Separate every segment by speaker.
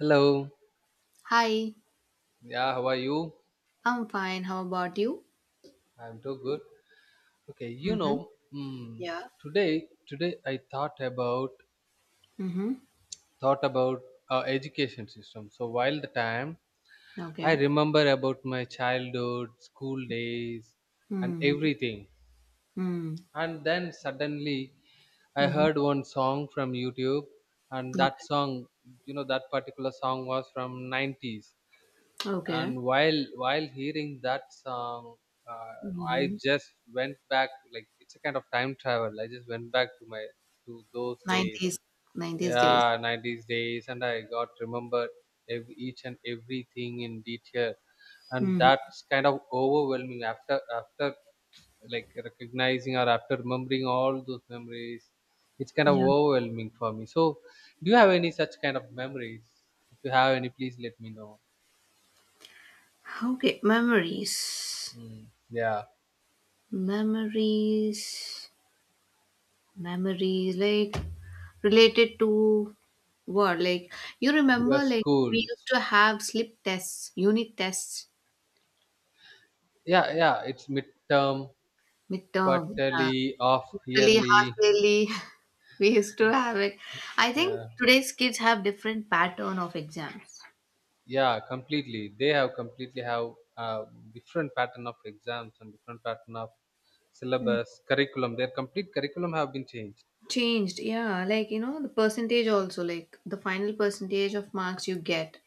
Speaker 1: Hello.
Speaker 2: Hi,
Speaker 1: Yeah, how are you?
Speaker 2: I'm fine. How about you?
Speaker 1: I'm too good. Okay, you
Speaker 2: Mm-hmm.
Speaker 1: know, mm,
Speaker 2: Yeah.
Speaker 1: today I thought about
Speaker 2: Mm-hmm.
Speaker 1: thought about uh, education system. So while the time I
Speaker 2: Okay.
Speaker 1: remember about my childhood, school days, and
Speaker 2: Mm-hmm.
Speaker 1: everything,
Speaker 2: Mm-hmm.
Speaker 1: and then suddenly I heard one song from YouTube, and that
Speaker 2: Okay.
Speaker 1: song, you know, that particular song was from 90s,
Speaker 2: Okay.
Speaker 1: and while hearing that song uh, I
Speaker 2: Mm-hmm.
Speaker 1: just went back. Like it's a kind of time travel, I just went back to my to those days.
Speaker 2: 90's, 90's days.
Speaker 1: Yeah, 90s days, and I got remembered each and everything in detail, and
Speaker 2: Mm-hmm.
Speaker 1: that's kind of overwhelming after like recognizing or after remembering all those memories. It's kind of
Speaker 2: Yeah.
Speaker 1: overwhelming for me. So do you have any such kind of memories? If you have any, please let me know.
Speaker 2: Okay. Memories.
Speaker 1: mm, yeah.
Speaker 2: Memories. Memories. Like related to what? Like you
Speaker 1: Your
Speaker 2: remember? Like we used
Speaker 1: schools.
Speaker 2: to have slip tests, unit tests,
Speaker 1: Yeah, yeah. It's midterm,
Speaker 2: midterm, yeah,
Speaker 1: quarterly, off
Speaker 2: quarterly, half
Speaker 1: yearly.
Speaker 2: yearly. We used to have it. I
Speaker 1: Uh,
Speaker 2: think today's kids have different pattern of exams.
Speaker 1: yeah, completely. They have completely have different pattern of exams and different pattern of
Speaker 2: Mm.
Speaker 1: syllabus, curriculum. Their complete curriculum have been changed.
Speaker 2: Changed, yeah. Like, you know, the percentage also, like the final percentage of marks you get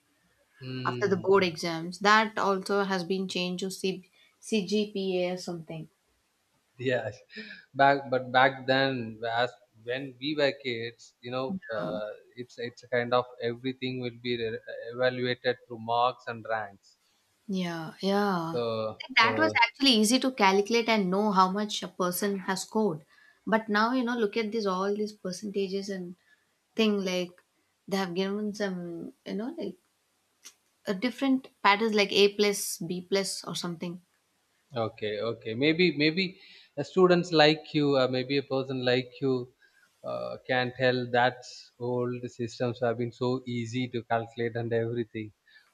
Speaker 2: after the
Speaker 1: Mm,
Speaker 2: board exams, that also has been changed to C- CGPA or something.
Speaker 1: yeah. back but back then, as when we were kids, you know,
Speaker 2: Um,
Speaker 1: it's a kind of everything will be re- evaluated through marks and ranks.
Speaker 2: Yeah, yeah.
Speaker 1: So
Speaker 2: Like, that was
Speaker 1: so
Speaker 2: actually easy to calculate and know how much a person has scored. But now, you know, look at this, all these percentages and thing like they have given some, you know, like a different patterns like A plus, B plus or something.
Speaker 1: okay, okay. Maybe a students like you, or maybe a person like you, can tell that old systems have been so easy to calculate and everything.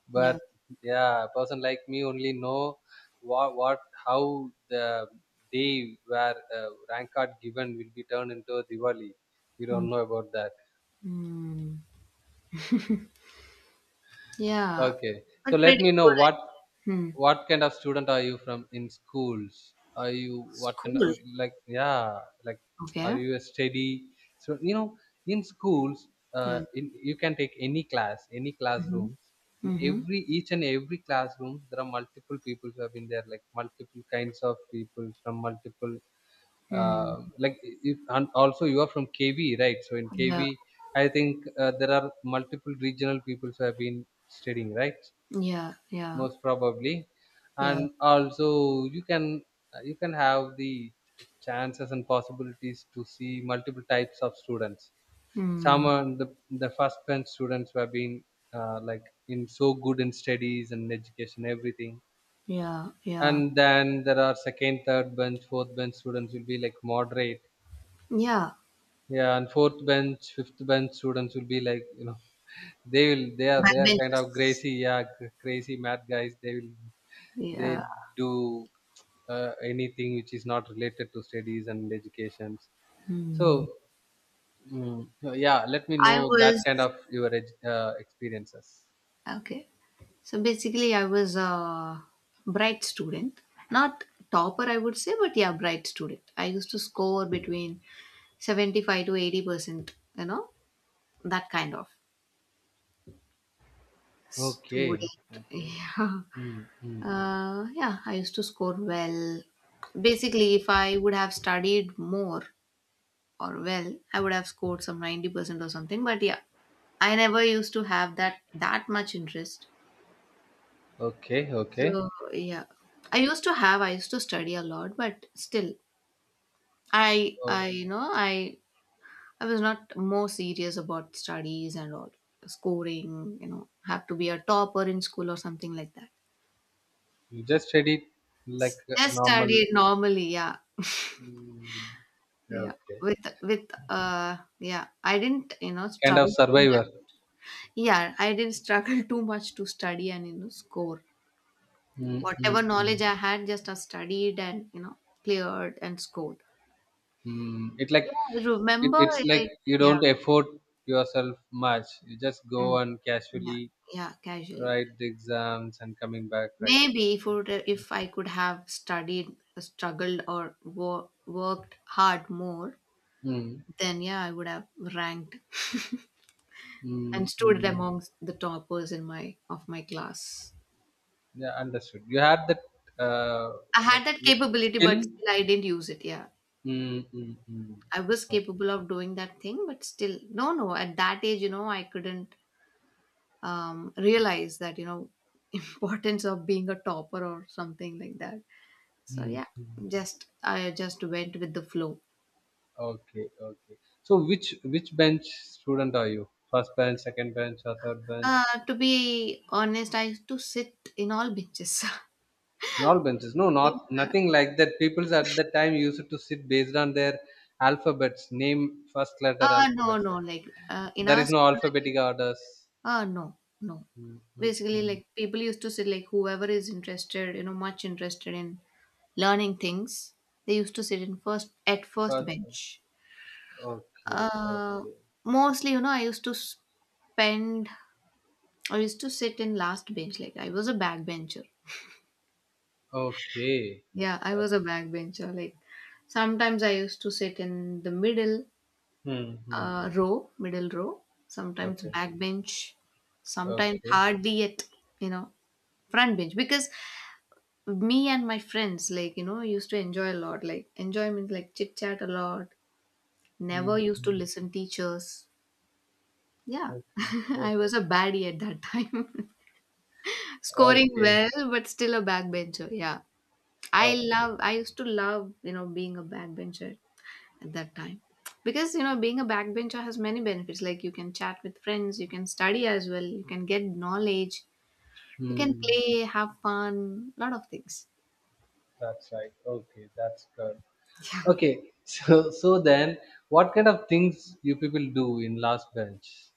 Speaker 1: But
Speaker 2: Yeah.
Speaker 1: yeah, a person like me only know what, what, how the day where rank card given will be turned into a Diwali. We
Speaker 2: Mm.
Speaker 1: don't know about that.
Speaker 2: Mm. Yeah.
Speaker 1: Okay. So
Speaker 2: But
Speaker 1: let
Speaker 2: pretty
Speaker 1: me know
Speaker 2: cool. I-
Speaker 1: what
Speaker 2: Hmm.
Speaker 1: what kind of student are you from in schools? Are you what kind of
Speaker 2: School.
Speaker 1: like? Yeah, like, are
Speaker 2: Okay.
Speaker 1: you a steady? So you know, in schools,
Speaker 2: Yeah.
Speaker 1: in you can take any class, any
Speaker 2: Mm-hmm.
Speaker 1: classrooms. In
Speaker 2: Mm-hmm.
Speaker 1: every each and every classrooms, there are multiple people who have been there, like multiple kinds of people from multiple
Speaker 2: Mm.
Speaker 1: like. If, and also you are from KV, right? So in
Speaker 2: Yeah.
Speaker 1: KV, I think there are multiple regional peoples who have been studying, right?
Speaker 2: Yeah. Yeah.
Speaker 1: Most probably,
Speaker 2: Yeah.
Speaker 1: and also you can have the chances and possibilities to see multiple types of students. Some
Speaker 2: Hmm.
Speaker 1: are the first bench students who have been like in so good in studies and education, everything.
Speaker 2: Yeah. Yeah.
Speaker 1: And then there are second, third bench, fourth bench students will be like moderate.
Speaker 2: Yeah.
Speaker 1: Yeah, and fourth bench, fifth bench students will be like, you know, they are kind of
Speaker 2: Backbenchers.
Speaker 1: crazy, yeah, crazy mad guys. They will
Speaker 2: Yeah.
Speaker 1: they do anything which is not related to studies and educations. So
Speaker 2: Hmm.
Speaker 1: so yeah, let me
Speaker 2: I
Speaker 1: know that
Speaker 2: was
Speaker 1: kind of your experiences.
Speaker 2: okay. So basically, I was a bright student. Not topper, I would say, but yeah, bright student. I used to score between 75 to 80%, you know, that kind of student.
Speaker 1: Okay, okay,
Speaker 2: Yeah.
Speaker 1: mm, mm.
Speaker 2: Yeah, I used to score well. Basically, if I would have studied more or well, I would have scored some 90% or something. But yeah, I never used to have that much interest.
Speaker 1: Okay, okay.
Speaker 2: So yeah, I used to have. I used to study a lot, but still, I
Speaker 1: So
Speaker 2: I you know I was not more serious about studies and all scoring. You know, have to be a topper in school or something like that.
Speaker 1: you just studied like a
Speaker 2: Just
Speaker 1: normal,
Speaker 2: studied normally. Yeah,
Speaker 1: mm, yeah,
Speaker 2: yeah.
Speaker 1: okay,
Speaker 2: With yeah, I didn't you know
Speaker 1: kind of
Speaker 2: struggle too much.
Speaker 1: survivor.
Speaker 2: Yeah, I didn't struggle too much to study and you know score.
Speaker 1: Mm,
Speaker 2: Whatever
Speaker 1: mm,
Speaker 2: knowledge
Speaker 1: mm,
Speaker 2: I had, just I studied and you know cleared and scored.
Speaker 1: mm. It like
Speaker 2: Yeah,
Speaker 1: it,
Speaker 2: remember,
Speaker 1: it's like
Speaker 2: like,
Speaker 1: you
Speaker 2: yeah,
Speaker 1: don't effort yourself much. You just
Speaker 2: mm,
Speaker 1: go and
Speaker 2: yeah,
Speaker 1: casually
Speaker 2: yeah, casually.
Speaker 1: write the exams and coming back, right?
Speaker 2: Maybe if would, if I could have studied, struggled, or worked hard more,
Speaker 1: Mm,
Speaker 2: then yeah, I would have ranked and
Speaker 1: mm,
Speaker 2: stood
Speaker 1: mm.
Speaker 2: amongst the toppers in my class.
Speaker 1: Yeah, understood. You had that uh,
Speaker 2: I had
Speaker 1: like
Speaker 2: that capability, but
Speaker 1: skill.
Speaker 2: still I didn't use it. Yeah,
Speaker 1: Mm, mm, mm.
Speaker 2: I was
Speaker 1: Okay.
Speaker 2: capable of doing that thing, but still, no, no. At that age, you know, I couldn't realize that you know importance of being a topper or something like that. So
Speaker 1: Mm,
Speaker 2: yeah,
Speaker 1: mm.
Speaker 2: just I just went with the flow.
Speaker 1: Okay, okay. So which bench student are you? First bench, second bench, or third bench?
Speaker 2: To be honest, I used to sit in all benches.
Speaker 1: Not benches. No,
Speaker 2: Yeah.
Speaker 1: not nothing like that. People's at that time used to sit based on their alphabets, name first letter
Speaker 2: No,
Speaker 1: alphabets.
Speaker 2: no, like in
Speaker 1: There
Speaker 2: our
Speaker 1: is no
Speaker 2: school, like,
Speaker 1: alphabetic orders.
Speaker 2: no, no.
Speaker 1: Mm, mm,
Speaker 2: Basically,
Speaker 1: mm.
Speaker 2: like people used to sit like whoever is interested, you know, much interested in learning things, they used to sit in first
Speaker 1: First,
Speaker 2: bench.
Speaker 1: okay,
Speaker 2: Uh,
Speaker 1: okay,
Speaker 2: Mostly, you know, I used to spend. I used to sit in last bench. Like I was a backbencher.
Speaker 1: okay.
Speaker 2: Yeah, I was a backbencher. Like sometimes I used to sit in the middle
Speaker 1: Hmm, hmm.
Speaker 2: middle row. Sometimes
Speaker 1: Okay,
Speaker 2: backbench, sometimes
Speaker 1: okay.
Speaker 2: hardly yet, you know, front bench. Because me and my friends, like you know, used to enjoy a lot. Like enjoy means like chit chat a lot.
Speaker 1: Hmm,
Speaker 2: Never used to
Speaker 1: hmm.
Speaker 2: listen teachers. Yeah.
Speaker 1: Okay, okay,
Speaker 2: I was a baddie at that time, scoring
Speaker 1: okay,
Speaker 2: well but still a backbencher. Yeah, I
Speaker 1: okay.
Speaker 2: love. I used to love you know being a backbencher at that time, because you know being a backbencher has many benefits. Like you can chat with friends, you can study as well, you can get knowledge, you can
Speaker 1: Hmm.
Speaker 2: play, have fun, lot of things.
Speaker 1: That's right. Okay, that's good. Okay, so then, what kind of things you people do in last bench?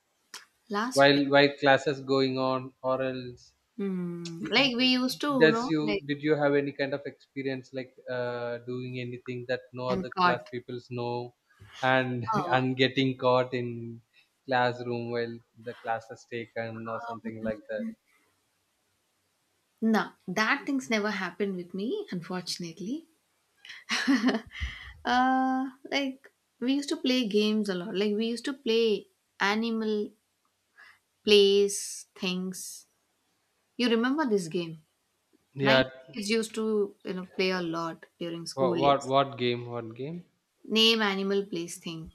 Speaker 2: Last bit,
Speaker 1: While classes going on, or else
Speaker 2: hmm, like we used to you
Speaker 1: does
Speaker 2: know
Speaker 1: you?
Speaker 2: like
Speaker 1: Did you have any kind of experience like doing anything that no
Speaker 2: and
Speaker 1: other class
Speaker 2: caught,
Speaker 1: peoples know, and
Speaker 2: oh,
Speaker 1: and getting caught in classroom while the class is taken or something like that?
Speaker 2: no, that things never happened with me, unfortunately. Like we used to play games a lot. Like we used to play animal plays things. You remember this game? Nine
Speaker 1: Yeah.
Speaker 2: kids used to, you know, play a lot during
Speaker 1: what
Speaker 2: school
Speaker 1: what,
Speaker 2: days.
Speaker 1: what game, what game?
Speaker 2: Name, animal, place, thing.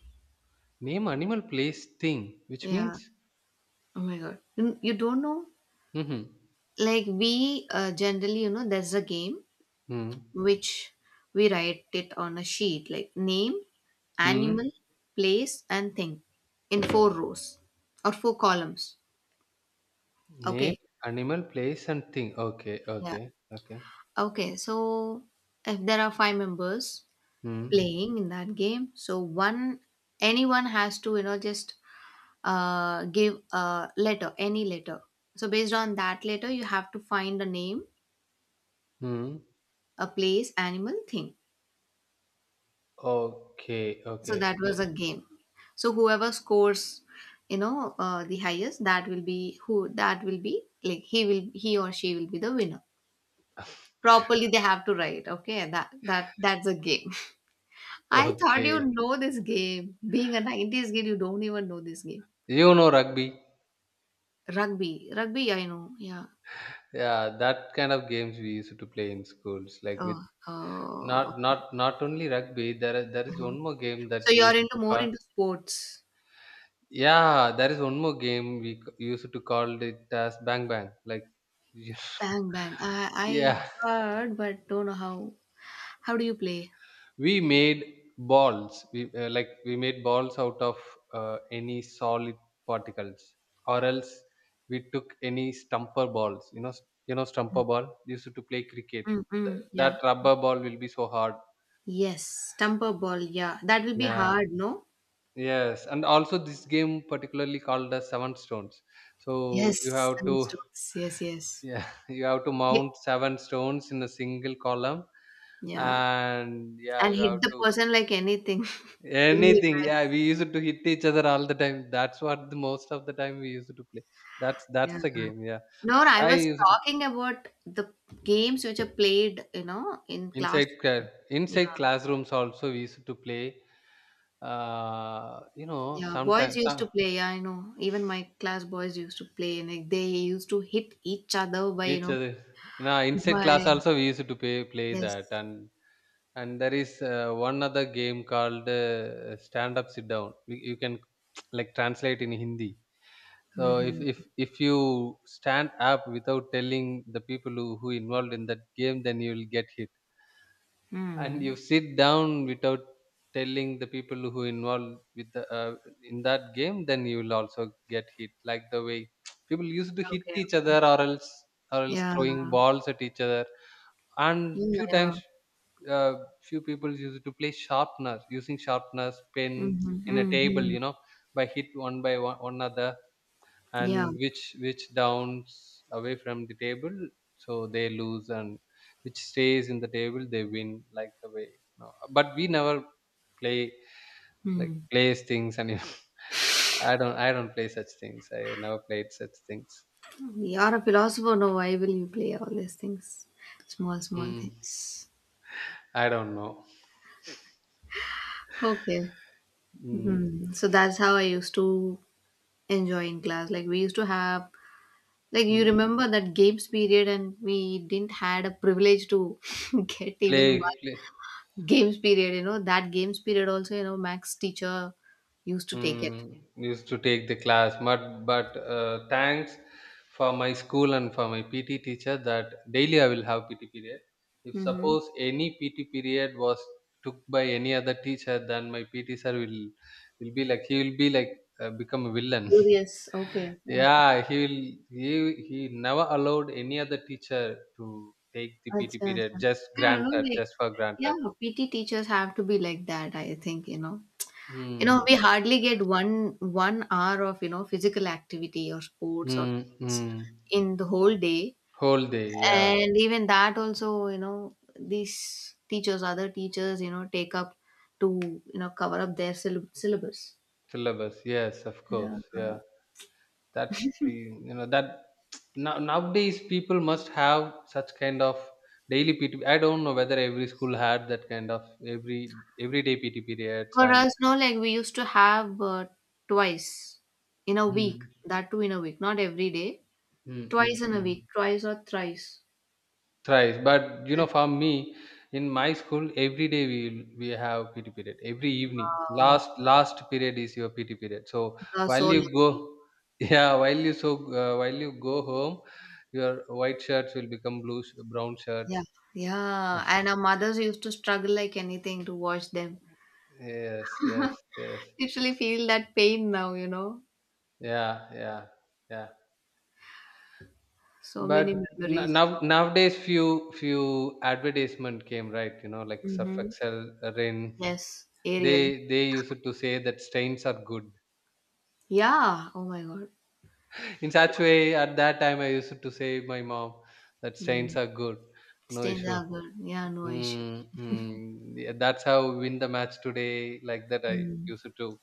Speaker 1: Name, animal, place, thing, which
Speaker 2: Yeah.
Speaker 1: means
Speaker 2: Oh my God. You don't know?
Speaker 1: mm-hmm.
Speaker 2: Like we generally, you know, there's a game
Speaker 1: Hmm,
Speaker 2: which we write it on a sheet, like name,
Speaker 1: hmm.
Speaker 2: animal, place, and thing in four rows or four columns.
Speaker 1: Name,
Speaker 2: Okay.
Speaker 1: animal, place, and thing, okay,
Speaker 2: Yeah.
Speaker 1: okay, okay,
Speaker 2: Okay. So if there are five members
Speaker 1: hmm,
Speaker 2: playing in that game, so one, anyone has to, you know, just give a letter, any letter. So based on that letter, you have to find a name,
Speaker 1: hmm.
Speaker 2: a place, animal, thing.
Speaker 1: Okay,
Speaker 2: So
Speaker 1: okay,
Speaker 2: that was a game. So whoever scores, you know, the highest, that will be who, that will be like he will, he or she will be the winner. Properly, they have to write. Okay, that that's a game. I thought you
Speaker 1: okay.
Speaker 2: know this game. Being a '90s kid, you don't even know this game.
Speaker 1: You know rugby.
Speaker 2: Rugby, rugby, I know. Yeah.
Speaker 1: Yeah, that kind of games we used to play in schools. Like with
Speaker 2: Oh, oh.
Speaker 1: not only rugby. There is
Speaker 2: Uh-huh.
Speaker 1: one more game
Speaker 2: So
Speaker 1: that we
Speaker 2: you're
Speaker 1: used
Speaker 2: into
Speaker 1: to
Speaker 2: more
Speaker 1: call.
Speaker 2: into sports.
Speaker 1: Yeah, there is one more game we used to call it as bang bang. Like, you-
Speaker 2: Bang bang. I
Speaker 1: yeah,
Speaker 2: heard, but don't know how. How do you play?
Speaker 1: we made balls. We like we made balls out of any solid particles, or else we took any stumper balls, you know, you know stumper ball. We used to play cricket.
Speaker 2: Mm-mm,
Speaker 1: That
Speaker 2: yeah.
Speaker 1: rubber ball will be so hard,
Speaker 2: Yes, stumper ball. Yeah, that will be
Speaker 1: yeah.
Speaker 2: hard, no?
Speaker 1: Yes, and also this game particularly called as seven stones. So you
Speaker 2: Yes,
Speaker 1: have
Speaker 2: seven
Speaker 1: to
Speaker 2: strokes. Yes, yes.
Speaker 1: yeah, you have to
Speaker 2: Hit.
Speaker 1: mount seven stones in a single column,
Speaker 2: Yeah,
Speaker 1: and yeah,
Speaker 2: and
Speaker 1: you
Speaker 2: hit
Speaker 1: have
Speaker 2: the
Speaker 1: to
Speaker 2: person like anything. Really
Speaker 1: anything. Yeah,
Speaker 2: nice.
Speaker 1: we used to hit each other all the time. That's what the most of the time we used to play. That's
Speaker 2: Yeah.
Speaker 1: that's the game. Yeah,
Speaker 2: No, no, I
Speaker 1: I
Speaker 2: was
Speaker 1: used to
Speaker 2: talking about the games which are played, you know, in class.
Speaker 1: inside inside
Speaker 2: Yeah.
Speaker 1: classrooms also we used to play. You know,
Speaker 2: Yeah, boys
Speaker 1: sometimes
Speaker 2: used to
Speaker 1: some
Speaker 2: play. Yeah, I know. Even my class boys used to play, and like, they used to hit each other by you
Speaker 1: each
Speaker 2: know
Speaker 1: other. You know, inside
Speaker 2: by
Speaker 1: class also we used to play that
Speaker 2: yes.
Speaker 1: and. And there is one other game called stand up, sit down. You can like translate in Hindi. So if
Speaker 2: Mm-hmm.
Speaker 1: if if you stand up without telling the people who involved in that game, then you will get hit. And you
Speaker 2: Mm.
Speaker 1: sit down without telling the people who involved with the, in that game, then you will also get hit, like the way people used to hit
Speaker 2: Okay.
Speaker 1: each
Speaker 2: Okay.
Speaker 1: other, or else
Speaker 2: Yeah.
Speaker 1: throwing balls at each other. And
Speaker 2: Yeah.
Speaker 1: few
Speaker 2: Yeah.
Speaker 1: times uh, few people used to play sharpness using sharpness pens
Speaker 2: Mm-hmm.
Speaker 1: in a table,
Speaker 2: Mm-hmm.
Speaker 1: you know, by hit one by one, one another,
Speaker 2: Yeah.
Speaker 1: and which downs away from the table, so they lose, and which stays in the table they win, like the way. No, but we never play like
Speaker 2: Mm.
Speaker 1: plays things, and I don't play such things. I never played such things.
Speaker 2: You are a philosopher. No, why will you play all these things? Small, small
Speaker 1: mm,
Speaker 2: things.
Speaker 1: I don't know.
Speaker 2: Okay.
Speaker 1: Mm,
Speaker 2: Hmm. So that's how I used to enjoy in class. Like we used to have, like you
Speaker 1: mm.
Speaker 2: remember that games period, and we didn't had a privilege to get even
Speaker 1: play,
Speaker 2: one
Speaker 1: play
Speaker 2: games period. You know, that games period also, you know, Max teacher used to take it.
Speaker 1: Mm, used to take the class, but thanks for my school and for my PT teacher that daily I will have PT period. If
Speaker 2: Mm-hmm.
Speaker 1: suppose any PT period was took by any other teacher, then my PT sir will be like. He will be like become a villain.
Speaker 2: Curious. Okay. Okay.
Speaker 1: Yeah, he will he he never allowed any other teacher to take the PT
Speaker 2: Acha,
Speaker 1: period
Speaker 2: acha.
Speaker 1: just
Speaker 2: I don't know.
Speaker 1: granted
Speaker 2: Like,
Speaker 1: just for
Speaker 2: yeah,
Speaker 1: granted.
Speaker 2: PT teachers have to be like that, I think, you know. You know,
Speaker 1: Mm,
Speaker 2: we hardly get one hour of, you know, physical activity or sports or
Speaker 1: mm,
Speaker 2: things
Speaker 1: mm.
Speaker 2: in the whole day.
Speaker 1: Whole day, yeah.
Speaker 2: And even that also, you know, these teachers, other teachers, you know, take up to, you know, cover up their syllabus.
Speaker 1: Syllabus, yes, of
Speaker 2: Yeah.
Speaker 1: course. Yeah, that's the, you know, that now nowadays people must have such kind of daily PT. I don't know whether every school had that kind of everyday PT periods
Speaker 2: For
Speaker 1: and.
Speaker 2: us, no, like we used to have twice in a week,
Speaker 1: Mm,
Speaker 2: that too in a week, not every day,
Speaker 1: mm, mm,
Speaker 2: twice in a
Speaker 1: mm.
Speaker 2: week, twice or thrice.
Speaker 1: Thrice, but you know, for me, in my school, every day we have PT period. Every evening,
Speaker 2: Wow,
Speaker 1: last period is your PT period. So
Speaker 2: you are so
Speaker 1: while you go,
Speaker 2: lucky.
Speaker 1: yeah, while you so while you go home, your white shirts will become blue brown
Speaker 2: Yeah,
Speaker 1: shirts.
Speaker 2: yeah. And our mothers used to struggle like anything to watch them.
Speaker 1: Yes, yes, yes.
Speaker 2: Literally feel that pain now, you know.
Speaker 1: Yeah, yeah, yeah.
Speaker 2: So many
Speaker 1: But
Speaker 2: memories
Speaker 1: now nowadays, few advertisement came, right? You know, like Surf
Speaker 2: associated.
Speaker 1: Excel, Rin.
Speaker 2: Yes, Ariel.
Speaker 1: They used to say that stains are good.
Speaker 2: Yeah. Oh my God.
Speaker 1: In such way, at that time, I used to say my mom that strains
Speaker 2: Mm.
Speaker 1: are good, no
Speaker 2: Stains
Speaker 1: issue.
Speaker 2: are good. Yeah, no issue.
Speaker 1: Mm, mm. Yeah, that's how we win the match today. Like that, I
Speaker 2: Mm.
Speaker 1: used to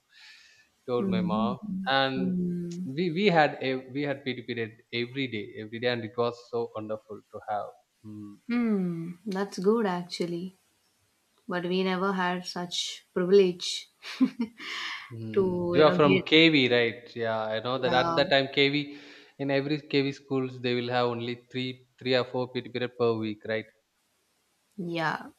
Speaker 1: told my
Speaker 2: Mm.
Speaker 1: mom, and
Speaker 2: Mm.
Speaker 1: we we had a, we had PT period every day, and it was so wonderful to have. Mm,
Speaker 2: Hmm. That's good actually. But we never had such privilege
Speaker 1: mm.
Speaker 2: to,
Speaker 1: You
Speaker 2: you
Speaker 1: are
Speaker 2: know,
Speaker 1: from
Speaker 2: get.
Speaker 1: KV, right? Yeah, I know that at
Speaker 2: Yeah.
Speaker 1: that time KV, in every KV schools they will have only three or four PT period per week, right?
Speaker 2: Yeah.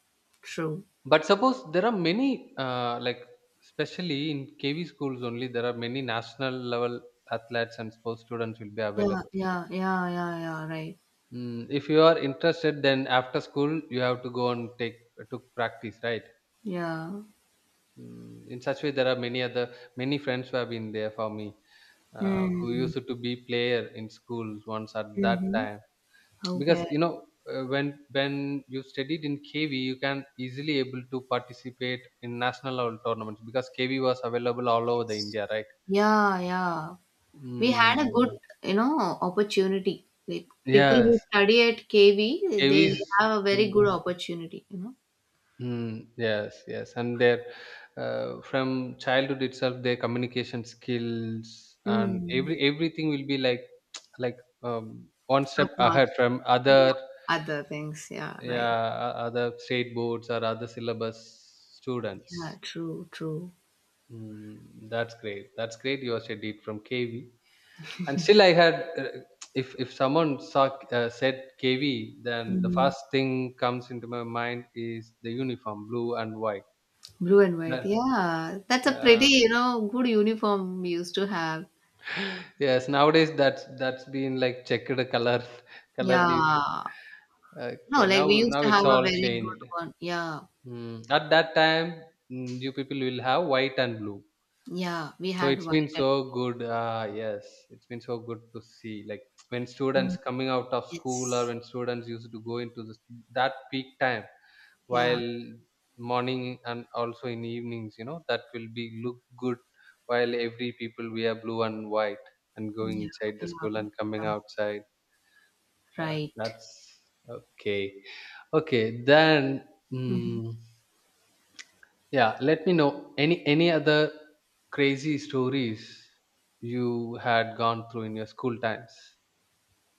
Speaker 2: True.
Speaker 1: But suppose there are many, like, especially in KV schools only, there are many national level athletes and sports students will be
Speaker 2: Yeah.
Speaker 1: available.
Speaker 2: Yeah. Yeah. Yeah. Yeah. Right.
Speaker 1: Mm, if you are interested, then after school you have to go and take to practice, right?
Speaker 2: Yeah.
Speaker 1: Mm, in such way, there are many other many friends who have been there for me, who
Speaker 2: Hmm.
Speaker 1: used to be player in schools once at that
Speaker 2: Mm-hmm.
Speaker 1: time, because
Speaker 2: Okay.
Speaker 1: you know when you studied in KV, you can easily able to participate in national level tournaments because KV was available all over the India, right?
Speaker 2: Yeah. Yeah. We had a good,
Speaker 1: Mm,
Speaker 2: you know, opportunity. Like people
Speaker 1: yes,
Speaker 2: who study at KV, they
Speaker 1: KVs
Speaker 2: have a very good
Speaker 1: will.
Speaker 2: opportunity, you know.
Speaker 1: Mm, yes, yes, and their from childhood itself, their communication skills and
Speaker 2: Mm.
Speaker 1: everything will be like like one
Speaker 2: Top
Speaker 1: step
Speaker 2: notch.
Speaker 1: ahead from
Speaker 2: Yeah.
Speaker 1: other.
Speaker 2: Other things, yeah, right.
Speaker 1: Yeah, other state boards or other syllabus
Speaker 2: Yeah,
Speaker 1: students.
Speaker 2: true, true.
Speaker 1: Mm, that's great. That's great. You said it from KV, and still I had. If someone saw, said KV, then the
Speaker 2: Mm.
Speaker 1: first thing comes into my mind is the uniform, blue and white.
Speaker 2: Blue and white.
Speaker 1: That,
Speaker 2: Yeah. That's a pretty,
Speaker 1: uh,
Speaker 2: you know, good uniform we used to have.
Speaker 1: yes, nowadays that's been like checkered color, colored in.
Speaker 2: Yeah. No,
Speaker 1: Okay,
Speaker 2: like
Speaker 1: now
Speaker 2: we used
Speaker 1: now
Speaker 2: to have
Speaker 1: it's
Speaker 2: a
Speaker 1: all
Speaker 2: very
Speaker 1: changed.
Speaker 2: good one. Yeah.
Speaker 1: At that time, you people will have white and blue.
Speaker 2: Yeah. We
Speaker 1: So
Speaker 2: had
Speaker 1: it's
Speaker 2: white
Speaker 1: been
Speaker 2: and
Speaker 1: so good. Yes, it's been so good to see like when
Speaker 2: mm.
Speaker 1: students coming out of school or
Speaker 2: Yes.
Speaker 1: when students used to go into this that peak time
Speaker 2: Yeah.
Speaker 1: while morning and also in evenings, that will be look good while every people wear blue and white and going
Speaker 2: Yeah.
Speaker 1: inside
Speaker 2: Yeah.
Speaker 1: the school and coming
Speaker 2: Yeah.
Speaker 1: outside. Yeah,
Speaker 2: Right.
Speaker 1: that's okay. Okay, then. Mm, yeah, let me know any other crazy stories you had gone through in your school times.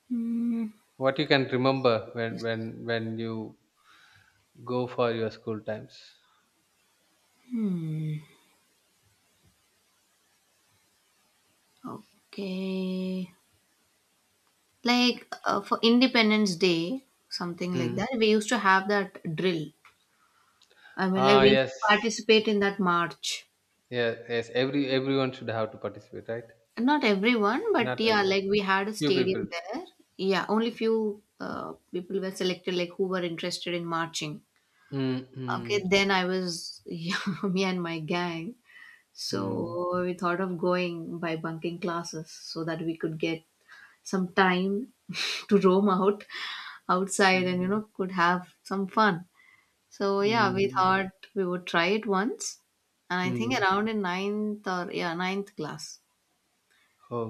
Speaker 2: Hmm.
Speaker 1: What you can remember when
Speaker 2: Is-
Speaker 1: when you go for your school times.
Speaker 2: Hmm. Okay. Like for Independence Day, something like that,
Speaker 1: Mm.
Speaker 2: we used to have that drill. I mean, like
Speaker 1: Ah,
Speaker 2: we used to
Speaker 1: yes,
Speaker 2: participate in that march.
Speaker 1: yes, yes. Everyone should have to participate, right?
Speaker 2: Not everyone, but
Speaker 1: Not
Speaker 2: yeah,
Speaker 1: everyone.
Speaker 2: like we had a
Speaker 1: Few
Speaker 2: stadium
Speaker 1: people.
Speaker 2: there. Yeah, only few people were selected, like who were interested in marching.
Speaker 1: Mm,
Speaker 2: Okay,
Speaker 1: mm,
Speaker 2: then I was yeah, me and my gang.
Speaker 1: mm,
Speaker 2: So we thought of going by bunking classes so that we could get some time to roam out outside
Speaker 1: mm,
Speaker 2: and you know could have some fun. So yeah, we
Speaker 1: mm,
Speaker 2: thought we would try it once, and I think
Speaker 1: mm.
Speaker 2: around in ninth or yeah ninth class,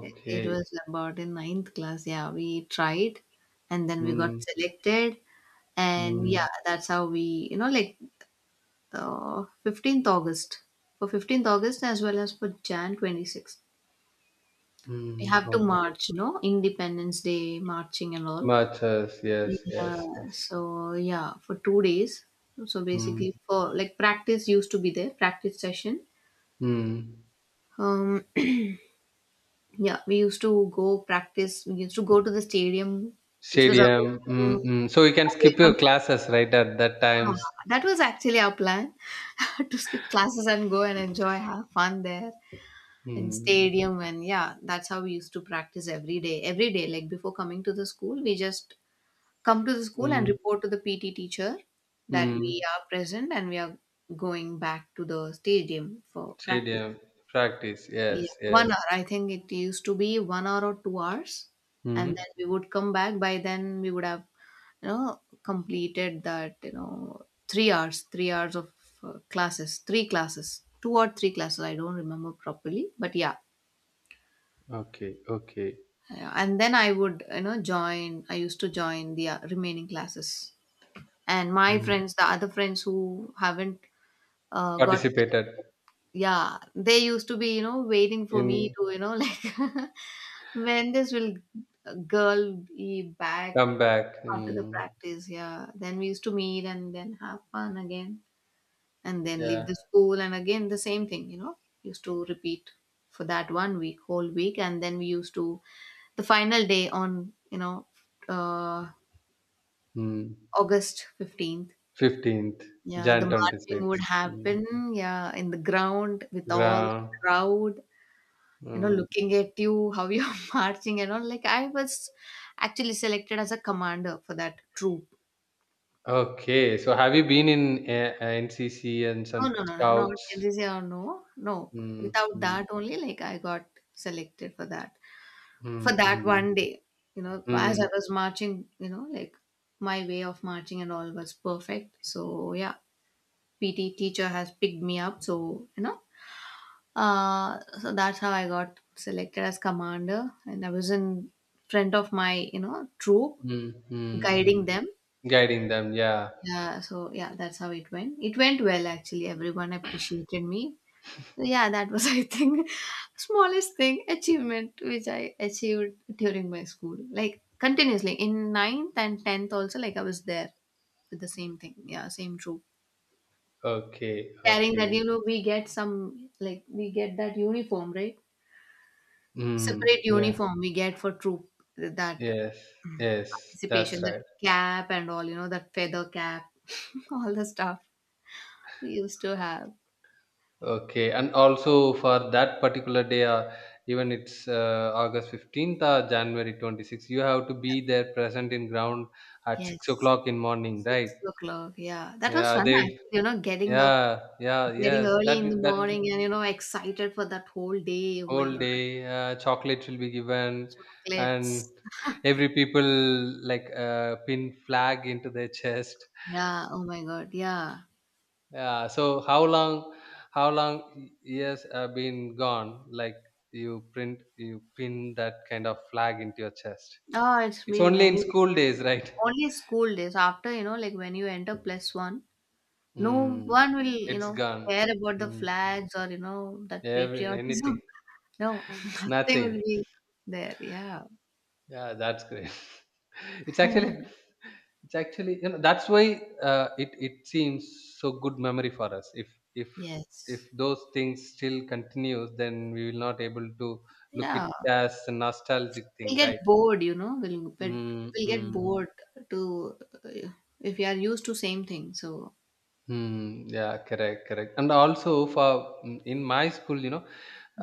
Speaker 2: it was about in ninth class, yeah, we tried and then we got
Speaker 1: Mm,
Speaker 2: selected. And
Speaker 1: mm,
Speaker 2: yeah, that's how we you know like 15th august, for 15th august as well as for jan 26th, we
Speaker 1: mm.
Speaker 2: have to
Speaker 1: Okay.
Speaker 2: march, you know, independence day marching and all.
Speaker 1: Much yes, yes, yes,
Speaker 2: Yeah,
Speaker 1: yes.
Speaker 2: so yeah, for 2 days. So
Speaker 1: Mm,
Speaker 2: basically, for like practice used to be there, practice session.
Speaker 1: mm.
Speaker 2: Um, yeah, we used to go practice. We used to go to the stadium, which was away
Speaker 1: Stadium.
Speaker 2: from,
Speaker 1: Mm. So you can
Speaker 2: away
Speaker 1: skip your
Speaker 2: from.
Speaker 1: classes right at that times.
Speaker 2: That was actually our plan to skip classes and go and enjoy, have fun there in
Speaker 1: Mm,
Speaker 2: stadium. And yeah, that's how we used to practice every day. Every day, like before coming to the school, we just come to the school and
Speaker 1: mm,
Speaker 2: report to the PT teacher that we
Speaker 1: mm.
Speaker 2: are present and we are going back to the stadium for practice.
Speaker 1: Stadium practice.
Speaker 2: Yeah,
Speaker 1: Yes,
Speaker 2: one
Speaker 1: yes.
Speaker 2: hour. I think it used to be 1 hour or 2 hours, and
Speaker 1: Mm.
Speaker 2: then we would come back. By then, we would have, completed that, 3 hours of classes, three classes, two or three classes. I don't remember properly, but yeah.
Speaker 1: Okay, okay.
Speaker 2: Yeah, and then I would, join. I used to join the remaining classes. And my
Speaker 1: Mm.
Speaker 2: friends, the other friends who haven't got
Speaker 1: Participated
Speaker 2: selected, yeah, they used to be, waiting for me
Speaker 1: in
Speaker 2: to, like when this will girl be back
Speaker 1: comeback.
Speaker 2: after the
Speaker 1: Mm.
Speaker 2: practice. Yeah, then we used to meet and then have fun again, and then leave
Speaker 1: Yeah.
Speaker 2: the school and again the same thing. Used to repeat for that one week, whole week, and then we used to the final day on, uh,
Speaker 1: Mm.
Speaker 2: August 15th.
Speaker 1: 15th
Speaker 2: Yeah, the
Speaker 1: Jan
Speaker 2: marching would
Speaker 1: 26. Mm.
Speaker 2: happen, yeah, in the ground with all the
Speaker 1: Ground.
Speaker 2: crowd, you know,
Speaker 1: Mm.
Speaker 2: looking at you, how you're marching and all. Like I was actually selected as a commander for that troop.
Speaker 1: Okay. So have you been in NCC and
Speaker 2: No,
Speaker 1: some
Speaker 2: no, no, no, not
Speaker 1: scouts?
Speaker 2: NCC or no, no.
Speaker 1: Mm,
Speaker 2: Without
Speaker 1: mm,
Speaker 2: that only, like I got selected for that.
Speaker 1: mm,
Speaker 2: For that
Speaker 1: mm.
Speaker 2: one day, you know, as I
Speaker 1: Mm,
Speaker 2: was marching, you know, like my way of marching and all was perfect. So yeah, PT teacher has picked me up. So, so that's how I got selected as commander, and I was in front of my, troop,
Speaker 1: mm, mm,
Speaker 2: guiding
Speaker 1: mm.
Speaker 2: them.
Speaker 1: Guiding them, yeah.
Speaker 2: Yeah, so yeah, that's how it went. It went well actually. Everyone appreciated me. So yeah, that was I think smallest thing achievement which I achieved during my school. Like continuously in ninth and tenth also, like I was there with the same thing. Yeah, same troop.
Speaker 1: Okay,
Speaker 2: Carrying
Speaker 1: okay.
Speaker 2: that, you know, we get some like we get that uniform, right?
Speaker 1: Mm,
Speaker 2: Separate
Speaker 1: yeah,
Speaker 2: uniform we get for troop that
Speaker 1: yes, yes,
Speaker 2: participation,
Speaker 1: that's
Speaker 2: that
Speaker 1: right.
Speaker 2: cap and all, you know, that feather cap, all the stuff we used to have.
Speaker 1: Okay, and also for that particular day, even it's August 15th or January 26th, you have to be there present in ground at 6
Speaker 2: Yes,
Speaker 1: o'clock in morning,
Speaker 2: six
Speaker 1: right?
Speaker 2: o'clock yeah, that was
Speaker 1: Yeah,
Speaker 2: fun
Speaker 1: they,
Speaker 2: actually, you know, getting up,
Speaker 1: yeah, yeah,
Speaker 2: getting
Speaker 1: yes,
Speaker 2: early in the
Speaker 1: that will be
Speaker 2: morning and, you know, excited for that whole day. Oh my
Speaker 1: whole
Speaker 2: god,
Speaker 1: day, chocolates will be given, and
Speaker 2: chocolates.
Speaker 1: every people like pin flag into their chest.
Speaker 2: Yeah, oh my god, yeah.
Speaker 1: Yeah. So how long? How long years have been gone? Like you print, you pin that kind of flag into your chest.
Speaker 2: Oh, it's
Speaker 1: It's
Speaker 2: been
Speaker 1: only in
Speaker 2: many days,
Speaker 1: school
Speaker 2: like
Speaker 1: days, right?
Speaker 2: only school days. After, you know, like when you enter plus one, no
Speaker 1: Mm,
Speaker 2: one will, you know,
Speaker 1: it's gone.
Speaker 2: care about the
Speaker 1: Mm,
Speaker 2: flags or, you know, that
Speaker 1: every
Speaker 2: patriotism.
Speaker 1: anything,
Speaker 2: No, nothing will
Speaker 1: nothing.
Speaker 2: be there. Yeah.
Speaker 1: Yeah, that's great. It's actually, it's actually, you know, that's why it seems so good memory for us. If if
Speaker 2: Yes.
Speaker 1: those things still continues, then we will not able to look it
Speaker 2: Yeah.
Speaker 1: as a nostalgic
Speaker 2: We'll
Speaker 1: thing,
Speaker 2: get
Speaker 1: right?
Speaker 2: bored, you know. We'll get
Speaker 1: Mm,
Speaker 2: we'll get
Speaker 1: mm,
Speaker 2: bored to uh, if we are used to same thing. So.
Speaker 1: yeah, correct, correct. And also for mm, in my school, you know,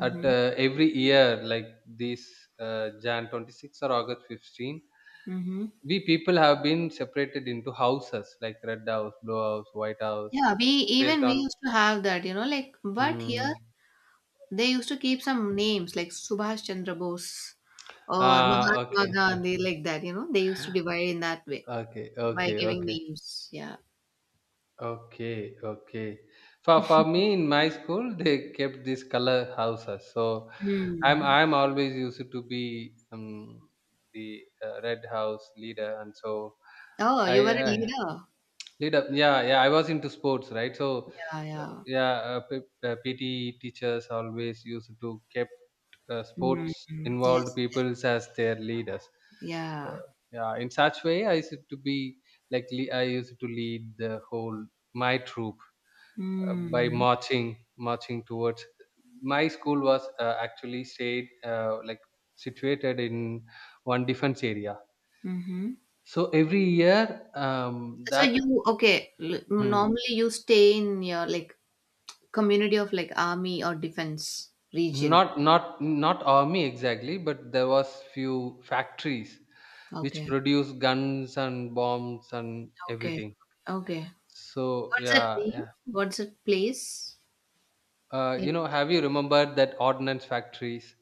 Speaker 1: at every year like this Jan 26 or August 15
Speaker 2: Hmm.
Speaker 1: we people have been separated into houses like red house blue house white house
Speaker 2: Yeah, we
Speaker 1: based
Speaker 2: even we
Speaker 1: on.
Speaker 2: used to have that, you know, like but here
Speaker 1: Hmm.
Speaker 2: they used to keep some names like Subhash Chandra Bose or
Speaker 1: Ah, okay,
Speaker 2: Mahatma
Speaker 1: fine.
Speaker 2: Gandhi, like that, you know, they used to divide in that way
Speaker 1: okay
Speaker 2: by
Speaker 1: okay
Speaker 2: giving
Speaker 1: okay
Speaker 2: names. Yeah.
Speaker 1: okay okay for me in my school they kept these color houses so i'm
Speaker 2: Mm.
Speaker 1: i'm always used to be the red house leader and so
Speaker 2: Oh,
Speaker 1: I,
Speaker 2: you were a
Speaker 1: I
Speaker 2: leader.
Speaker 1: lead up. Yeah, yeah. I was into sports, right? So,
Speaker 2: Yeah, yeah.
Speaker 1: yeah, PT teachers always used to kept
Speaker 2: Mm.
Speaker 1: sports involved
Speaker 2: Yes, yes.
Speaker 1: peoples as their leaders. So,
Speaker 2: Yeah.
Speaker 1: yeah, in such way, I used to be like I used to lead the whole my troop by
Speaker 2: Mm.
Speaker 1: marching, marching towards. My school was actually stayed like situated in one defense area.
Speaker 2: Mm-hmm.
Speaker 1: So every year,
Speaker 2: So
Speaker 1: that
Speaker 2: you okay? L-
Speaker 1: hmm,
Speaker 2: normally you stay in your like community of like army or defense region.
Speaker 1: not army exactly but there was few factories which
Speaker 2: Okay,
Speaker 1: produce guns and bombs and
Speaker 2: okay,
Speaker 1: everything
Speaker 2: okay.
Speaker 1: so
Speaker 2: What's that
Speaker 1: yeah
Speaker 2: name?
Speaker 1: yeah
Speaker 2: What's that place? Name
Speaker 1: you
Speaker 2: of
Speaker 1: know
Speaker 2: the
Speaker 1: have you
Speaker 2: place.
Speaker 1: remembered that ordnance factories,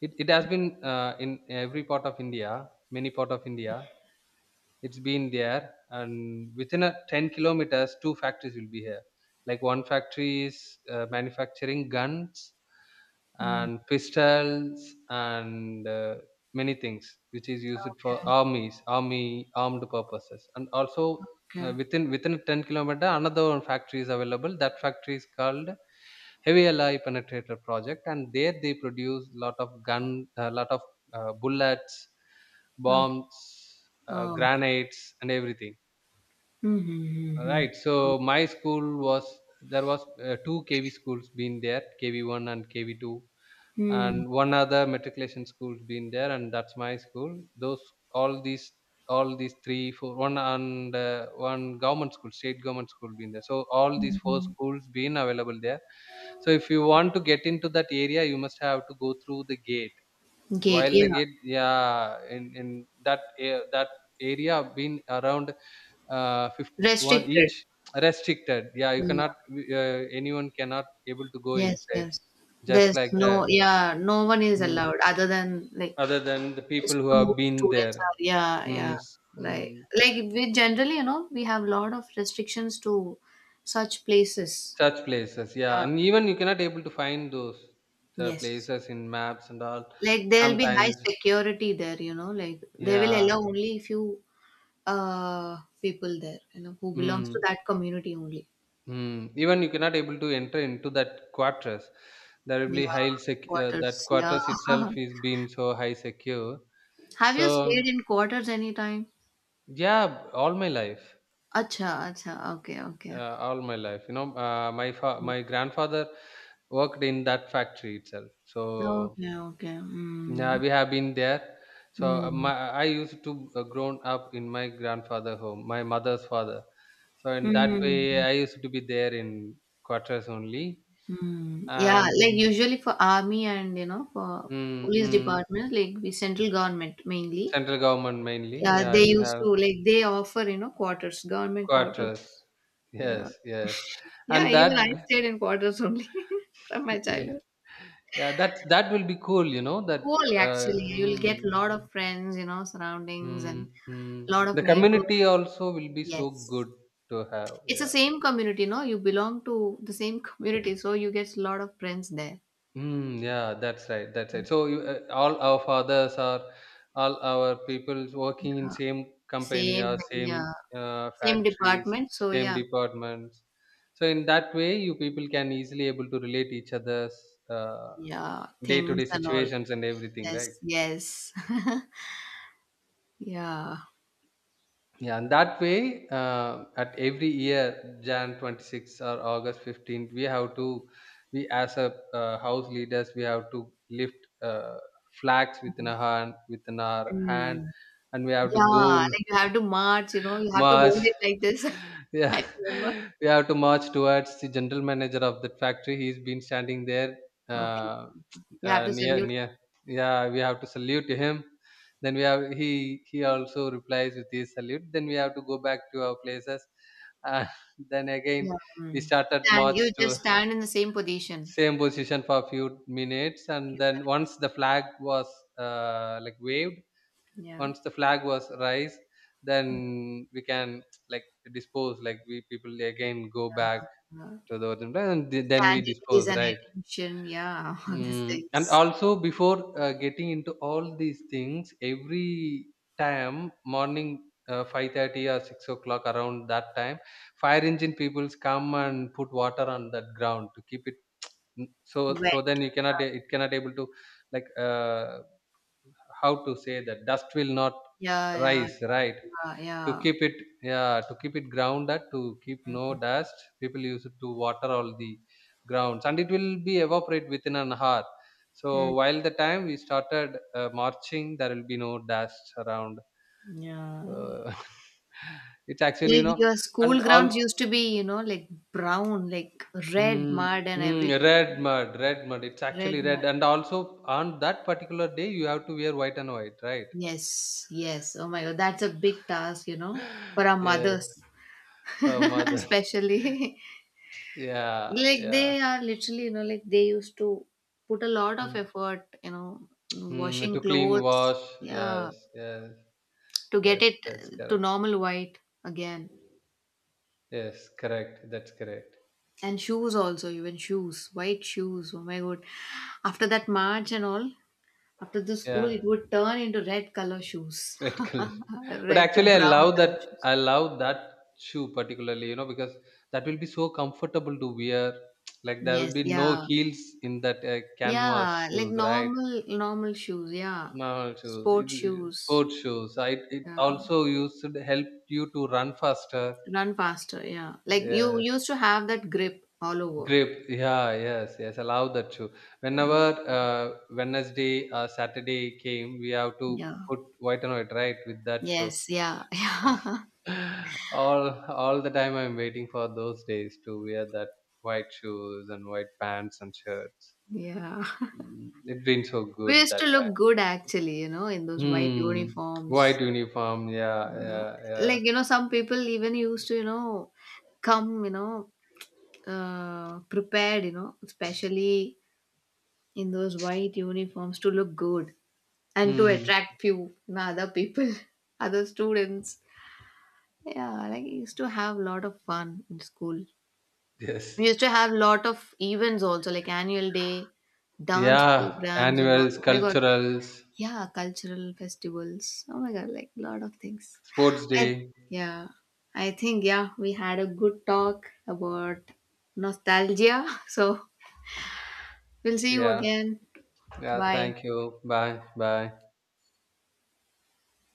Speaker 1: it has been in every part of India, many part of India. It's been there, and within a 10 kilometers, two factories will be here. Like one factory is manufacturing guns
Speaker 2: Mm.
Speaker 1: and pistols and many things which is used for
Speaker 2: Okay,
Speaker 1: armies, army armed purposes, and also.
Speaker 2: okay.
Speaker 1: Within a 10-kilometer another one factory is available, that factory is called heavy alloy penetrator project, and there they produce lot of gun, a lot of bullets,
Speaker 2: Oh, okay.
Speaker 1: bombs,
Speaker 2: Oh.
Speaker 1: granites and everything.
Speaker 2: Mm-hmm,
Speaker 1: All
Speaker 2: mm-hmm.
Speaker 1: right, so my school was, there was two KV schools been there, KV1 and KV2,
Speaker 2: Mm.
Speaker 1: and one other matriculation school's been there, and that's my school. Those all these, all these 3 4 1 and one government school, state government school been there, so all these four
Speaker 2: Mm.
Speaker 1: schools been available there. So if you want to get into that area you must have to go through the gate,
Speaker 2: Gate.
Speaker 1: while
Speaker 2: Yeah.
Speaker 1: they get yeah, in that area been around 51
Speaker 2: Restricted.
Speaker 1: each restricted. Yeah, you
Speaker 2: Yeah.
Speaker 1: cannot anyone cannot able to go
Speaker 2: Yes,
Speaker 1: inside
Speaker 2: yes.
Speaker 1: just
Speaker 2: There's
Speaker 1: like that.
Speaker 2: no yeah, no one is
Speaker 1: Mm.
Speaker 2: allowed other than like
Speaker 1: Other than the people who
Speaker 2: two
Speaker 1: have been
Speaker 2: students
Speaker 1: there.
Speaker 2: are, yeah, yeah.
Speaker 1: mm, s-
Speaker 2: Right.
Speaker 1: mm,
Speaker 2: Like we generally, you know, we have a lot of restrictions to such places.
Speaker 1: such places, yeah,
Speaker 2: Yeah.
Speaker 1: and even you cannot able to find those the
Speaker 2: Yes.
Speaker 1: places in maps and all
Speaker 2: Like there'll be high
Speaker 1: sometimes,
Speaker 2: security there, you know, like they will
Speaker 1: yeah.
Speaker 2: allow only few people there, you know, who belongs to
Speaker 1: Mm.
Speaker 2: that community only.
Speaker 1: Mm, even you cannot able to enter into that quarters. There will
Speaker 2: Yeah.
Speaker 1: be that
Speaker 2: Quarters. Yeah.
Speaker 1: quarters itself is been so high secure.
Speaker 2: Have you stayed
Speaker 1: So
Speaker 2: in quarters anytime?
Speaker 1: yeah, all my life,
Speaker 2: अच्छा, अच्छा, okay, okay.
Speaker 1: all my life. You know, my grandfather worked in that factory itself. So
Speaker 2: okay, okay,
Speaker 1: yeah,
Speaker 2: mm,
Speaker 1: we have been there. So
Speaker 2: mm,
Speaker 1: my I used to grown up in my grandfather home, my mother's father. So in that way,
Speaker 2: mm,
Speaker 1: I used to be there in quarters only,
Speaker 2: mm. Yeah,
Speaker 1: and
Speaker 2: like, usually for army and, you know, for
Speaker 1: mm,
Speaker 2: police
Speaker 1: mm.
Speaker 2: departments, like, the central government mainly,
Speaker 1: Central government mainly.
Speaker 2: yeah,
Speaker 1: Yeah, I
Speaker 2: they
Speaker 1: will
Speaker 2: used
Speaker 1: have
Speaker 2: to, like, they offer, you know, quarters, government
Speaker 1: quarters.
Speaker 2: quarters. Yeah.
Speaker 1: Yes, yes,
Speaker 2: Yeah,
Speaker 1: and that
Speaker 2: even I stayed in quarters only from my
Speaker 1: yeah,
Speaker 2: childhood.
Speaker 1: that will be cool. You know that
Speaker 2: Cool, actually.
Speaker 1: uh,
Speaker 2: You'll get a
Speaker 1: mm,
Speaker 2: lot of friends, you know, surroundings and
Speaker 1: mm.
Speaker 2: a lot of
Speaker 1: the
Speaker 2: neighbors.
Speaker 1: community also will be so
Speaker 2: Yes.
Speaker 1: good to have.
Speaker 2: It's the
Speaker 1: Yeah.
Speaker 2: same community, no? You belong to the same community, so you get a lot of friends there.
Speaker 1: Mm, yeah, that's right. That's right. So you, all our fathers are all our people working in
Speaker 2: Uh,
Speaker 1: same company
Speaker 2: same,
Speaker 1: or same
Speaker 2: yeah, same
Speaker 1: factories,
Speaker 2: department. So
Speaker 1: same
Speaker 2: yeah,
Speaker 1: departments. So in that way, you people can easily able to relate each other's uh,
Speaker 2: yeah, things
Speaker 1: day-to-day
Speaker 2: and all.
Speaker 1: situations and everything, right?
Speaker 2: Yes, yes, yeah,
Speaker 1: Yeah, and that way, at every year, Jan 26 or August 15th, we have to, we as a house leaders, we have to lift uh, flags within our hand,
Speaker 2: mm,
Speaker 1: and we have to go
Speaker 2: yeah.
Speaker 1: and
Speaker 2: Like you have to march, you know, you have to hold
Speaker 1: march.
Speaker 2: it like this.
Speaker 1: Yeah,
Speaker 2: I remember.
Speaker 1: we have to march towards the general manager of that factory. He's been standing there
Speaker 2: Okay,
Speaker 1: uh,
Speaker 2: you have to
Speaker 1: near
Speaker 2: salute.
Speaker 1: near. Yeah, we have to salute to him. Then we have he also replies with his salute. Then we have to go back to our places. Uh, then again,
Speaker 2: Yeah,
Speaker 1: we
Speaker 2: mm.
Speaker 1: started
Speaker 2: And
Speaker 1: march
Speaker 2: you
Speaker 1: to
Speaker 2: just stand in the same position.
Speaker 1: same position for a few minutes, and
Speaker 2: Few
Speaker 1: then
Speaker 2: minutes.
Speaker 1: once the flag was like waved,
Speaker 2: Yeah.
Speaker 1: once the flag was raised then we can like dispose, like we people again go
Speaker 2: Yeah.
Speaker 1: back
Speaker 2: Yeah.
Speaker 1: to the origin plan and then we
Speaker 2: Tangibles
Speaker 1: dispose,
Speaker 2: and
Speaker 1: right.
Speaker 2: attention, yeah, all these
Speaker 1: Mm. And
Speaker 2: things.
Speaker 1: also before getting into all these things every time morning, 5:30 or 6 o'clock around that time, fire engine peoples come and put water on that ground to keep it mm, so
Speaker 2: Wet.
Speaker 1: then you cannot, it cannot able to like how to say, that dust will not
Speaker 2: Yeah, yeah,
Speaker 1: rise right,
Speaker 2: yeah, yeah,
Speaker 1: to
Speaker 2: yeah.
Speaker 1: keep it, yeah, to keep it grounded, to keep no dust, people use it to water all the grounds and it will be evaporate within an hour. So
Speaker 2: Hmm.
Speaker 1: while the time we started marching there will be no dust around.
Speaker 2: Yeah.
Speaker 1: uh, it's actually you
Speaker 2: Like
Speaker 1: know.
Speaker 2: your
Speaker 1: And
Speaker 2: school
Speaker 1: also
Speaker 2: grounds used to be, you know, like brown, like red
Speaker 1: mm,
Speaker 2: mud and everything.
Speaker 1: red mud, red mud, it's
Speaker 2: Red
Speaker 1: actually
Speaker 2: mud.
Speaker 1: red. And also on that particular day you have to wear white and white, right?
Speaker 2: Yes, yes. Oh my god, that's a big task, you know, for our
Speaker 1: Yeah,
Speaker 2: mothers,
Speaker 1: for mother,
Speaker 2: especially.
Speaker 1: yeah,
Speaker 2: Like
Speaker 1: yeah,
Speaker 2: they are literally, you know, like they used to put a lot of
Speaker 1: mm.
Speaker 2: effort, you know,
Speaker 1: Mm, to
Speaker 2: washing
Speaker 1: clean,
Speaker 2: clothes.
Speaker 1: wash.
Speaker 2: Yeah.
Speaker 1: Yes, yes,
Speaker 2: To get
Speaker 1: yes.
Speaker 2: it
Speaker 1: That's
Speaker 2: to
Speaker 1: correct.
Speaker 2: normal white again.
Speaker 1: Yes, correct. That's correct.
Speaker 2: And shoes also, even shoes, white shoes. Oh my god. After that march and all, after the school,
Speaker 1: Yeah,
Speaker 2: it would turn into red color shoes,
Speaker 1: red collision. But
Speaker 2: red to
Speaker 1: actually, I
Speaker 2: brown
Speaker 1: love that.
Speaker 2: color shoes.
Speaker 1: I love that shoe particularly. You know, because that will be so comfortable to wear. Like there will
Speaker 2: Yes,
Speaker 1: be no
Speaker 2: yeah,
Speaker 1: heels in that canvas
Speaker 2: yeah, like
Speaker 1: shoes, right?
Speaker 2: normal, normal shoes, yeah,
Speaker 1: Normal shoes,
Speaker 2: sport shoes,
Speaker 1: sport shoes. It
Speaker 2: yeah,
Speaker 1: also used to help you to run faster.
Speaker 2: run faster, yeah. Like you
Speaker 1: Yeah,
Speaker 2: used to have that grip all over,
Speaker 1: grip, yeah, yes, yes, allow that too. Whenever Wednesday or Saturday came, we have to
Speaker 2: yeah,
Speaker 1: put white and white, right, with that show.
Speaker 2: yes, yeah,
Speaker 1: All all the time I'm waiting for those days to wear that white shoes and white pants and shirts.
Speaker 2: yeah.
Speaker 1: Mm, it been so
Speaker 2: We
Speaker 1: good
Speaker 2: used
Speaker 1: that
Speaker 2: to
Speaker 1: time.
Speaker 2: look good actually, you know, in those white
Speaker 1: Mm,
Speaker 2: uniforms.
Speaker 1: white uniform, yeah, yeah, yeah.
Speaker 2: Like, you know, some people even used to, you know, come, you know, prepared, you know, especially in those white uniforms to look good and to
Speaker 1: Mm,
Speaker 2: attract few you know, other people, other students. Yeah, like we used to have a lot of fun in school.
Speaker 1: yes.
Speaker 2: We used to have lot of events also, like annual day, dance
Speaker 1: Yeah,
Speaker 2: programs and all.
Speaker 1: annuals,
Speaker 2: Oh my god,
Speaker 1: culturals,
Speaker 2: yeah, cultural festivals. Oh my god, like a lot of things.
Speaker 1: sports
Speaker 2: I
Speaker 1: day,
Speaker 2: yeah. I think yeah, we had a good talk about nostalgia. So we'll see you
Speaker 1: yeah.
Speaker 2: again.
Speaker 1: Yeah,
Speaker 2: Bye.
Speaker 1: thank you. Bye. Bye.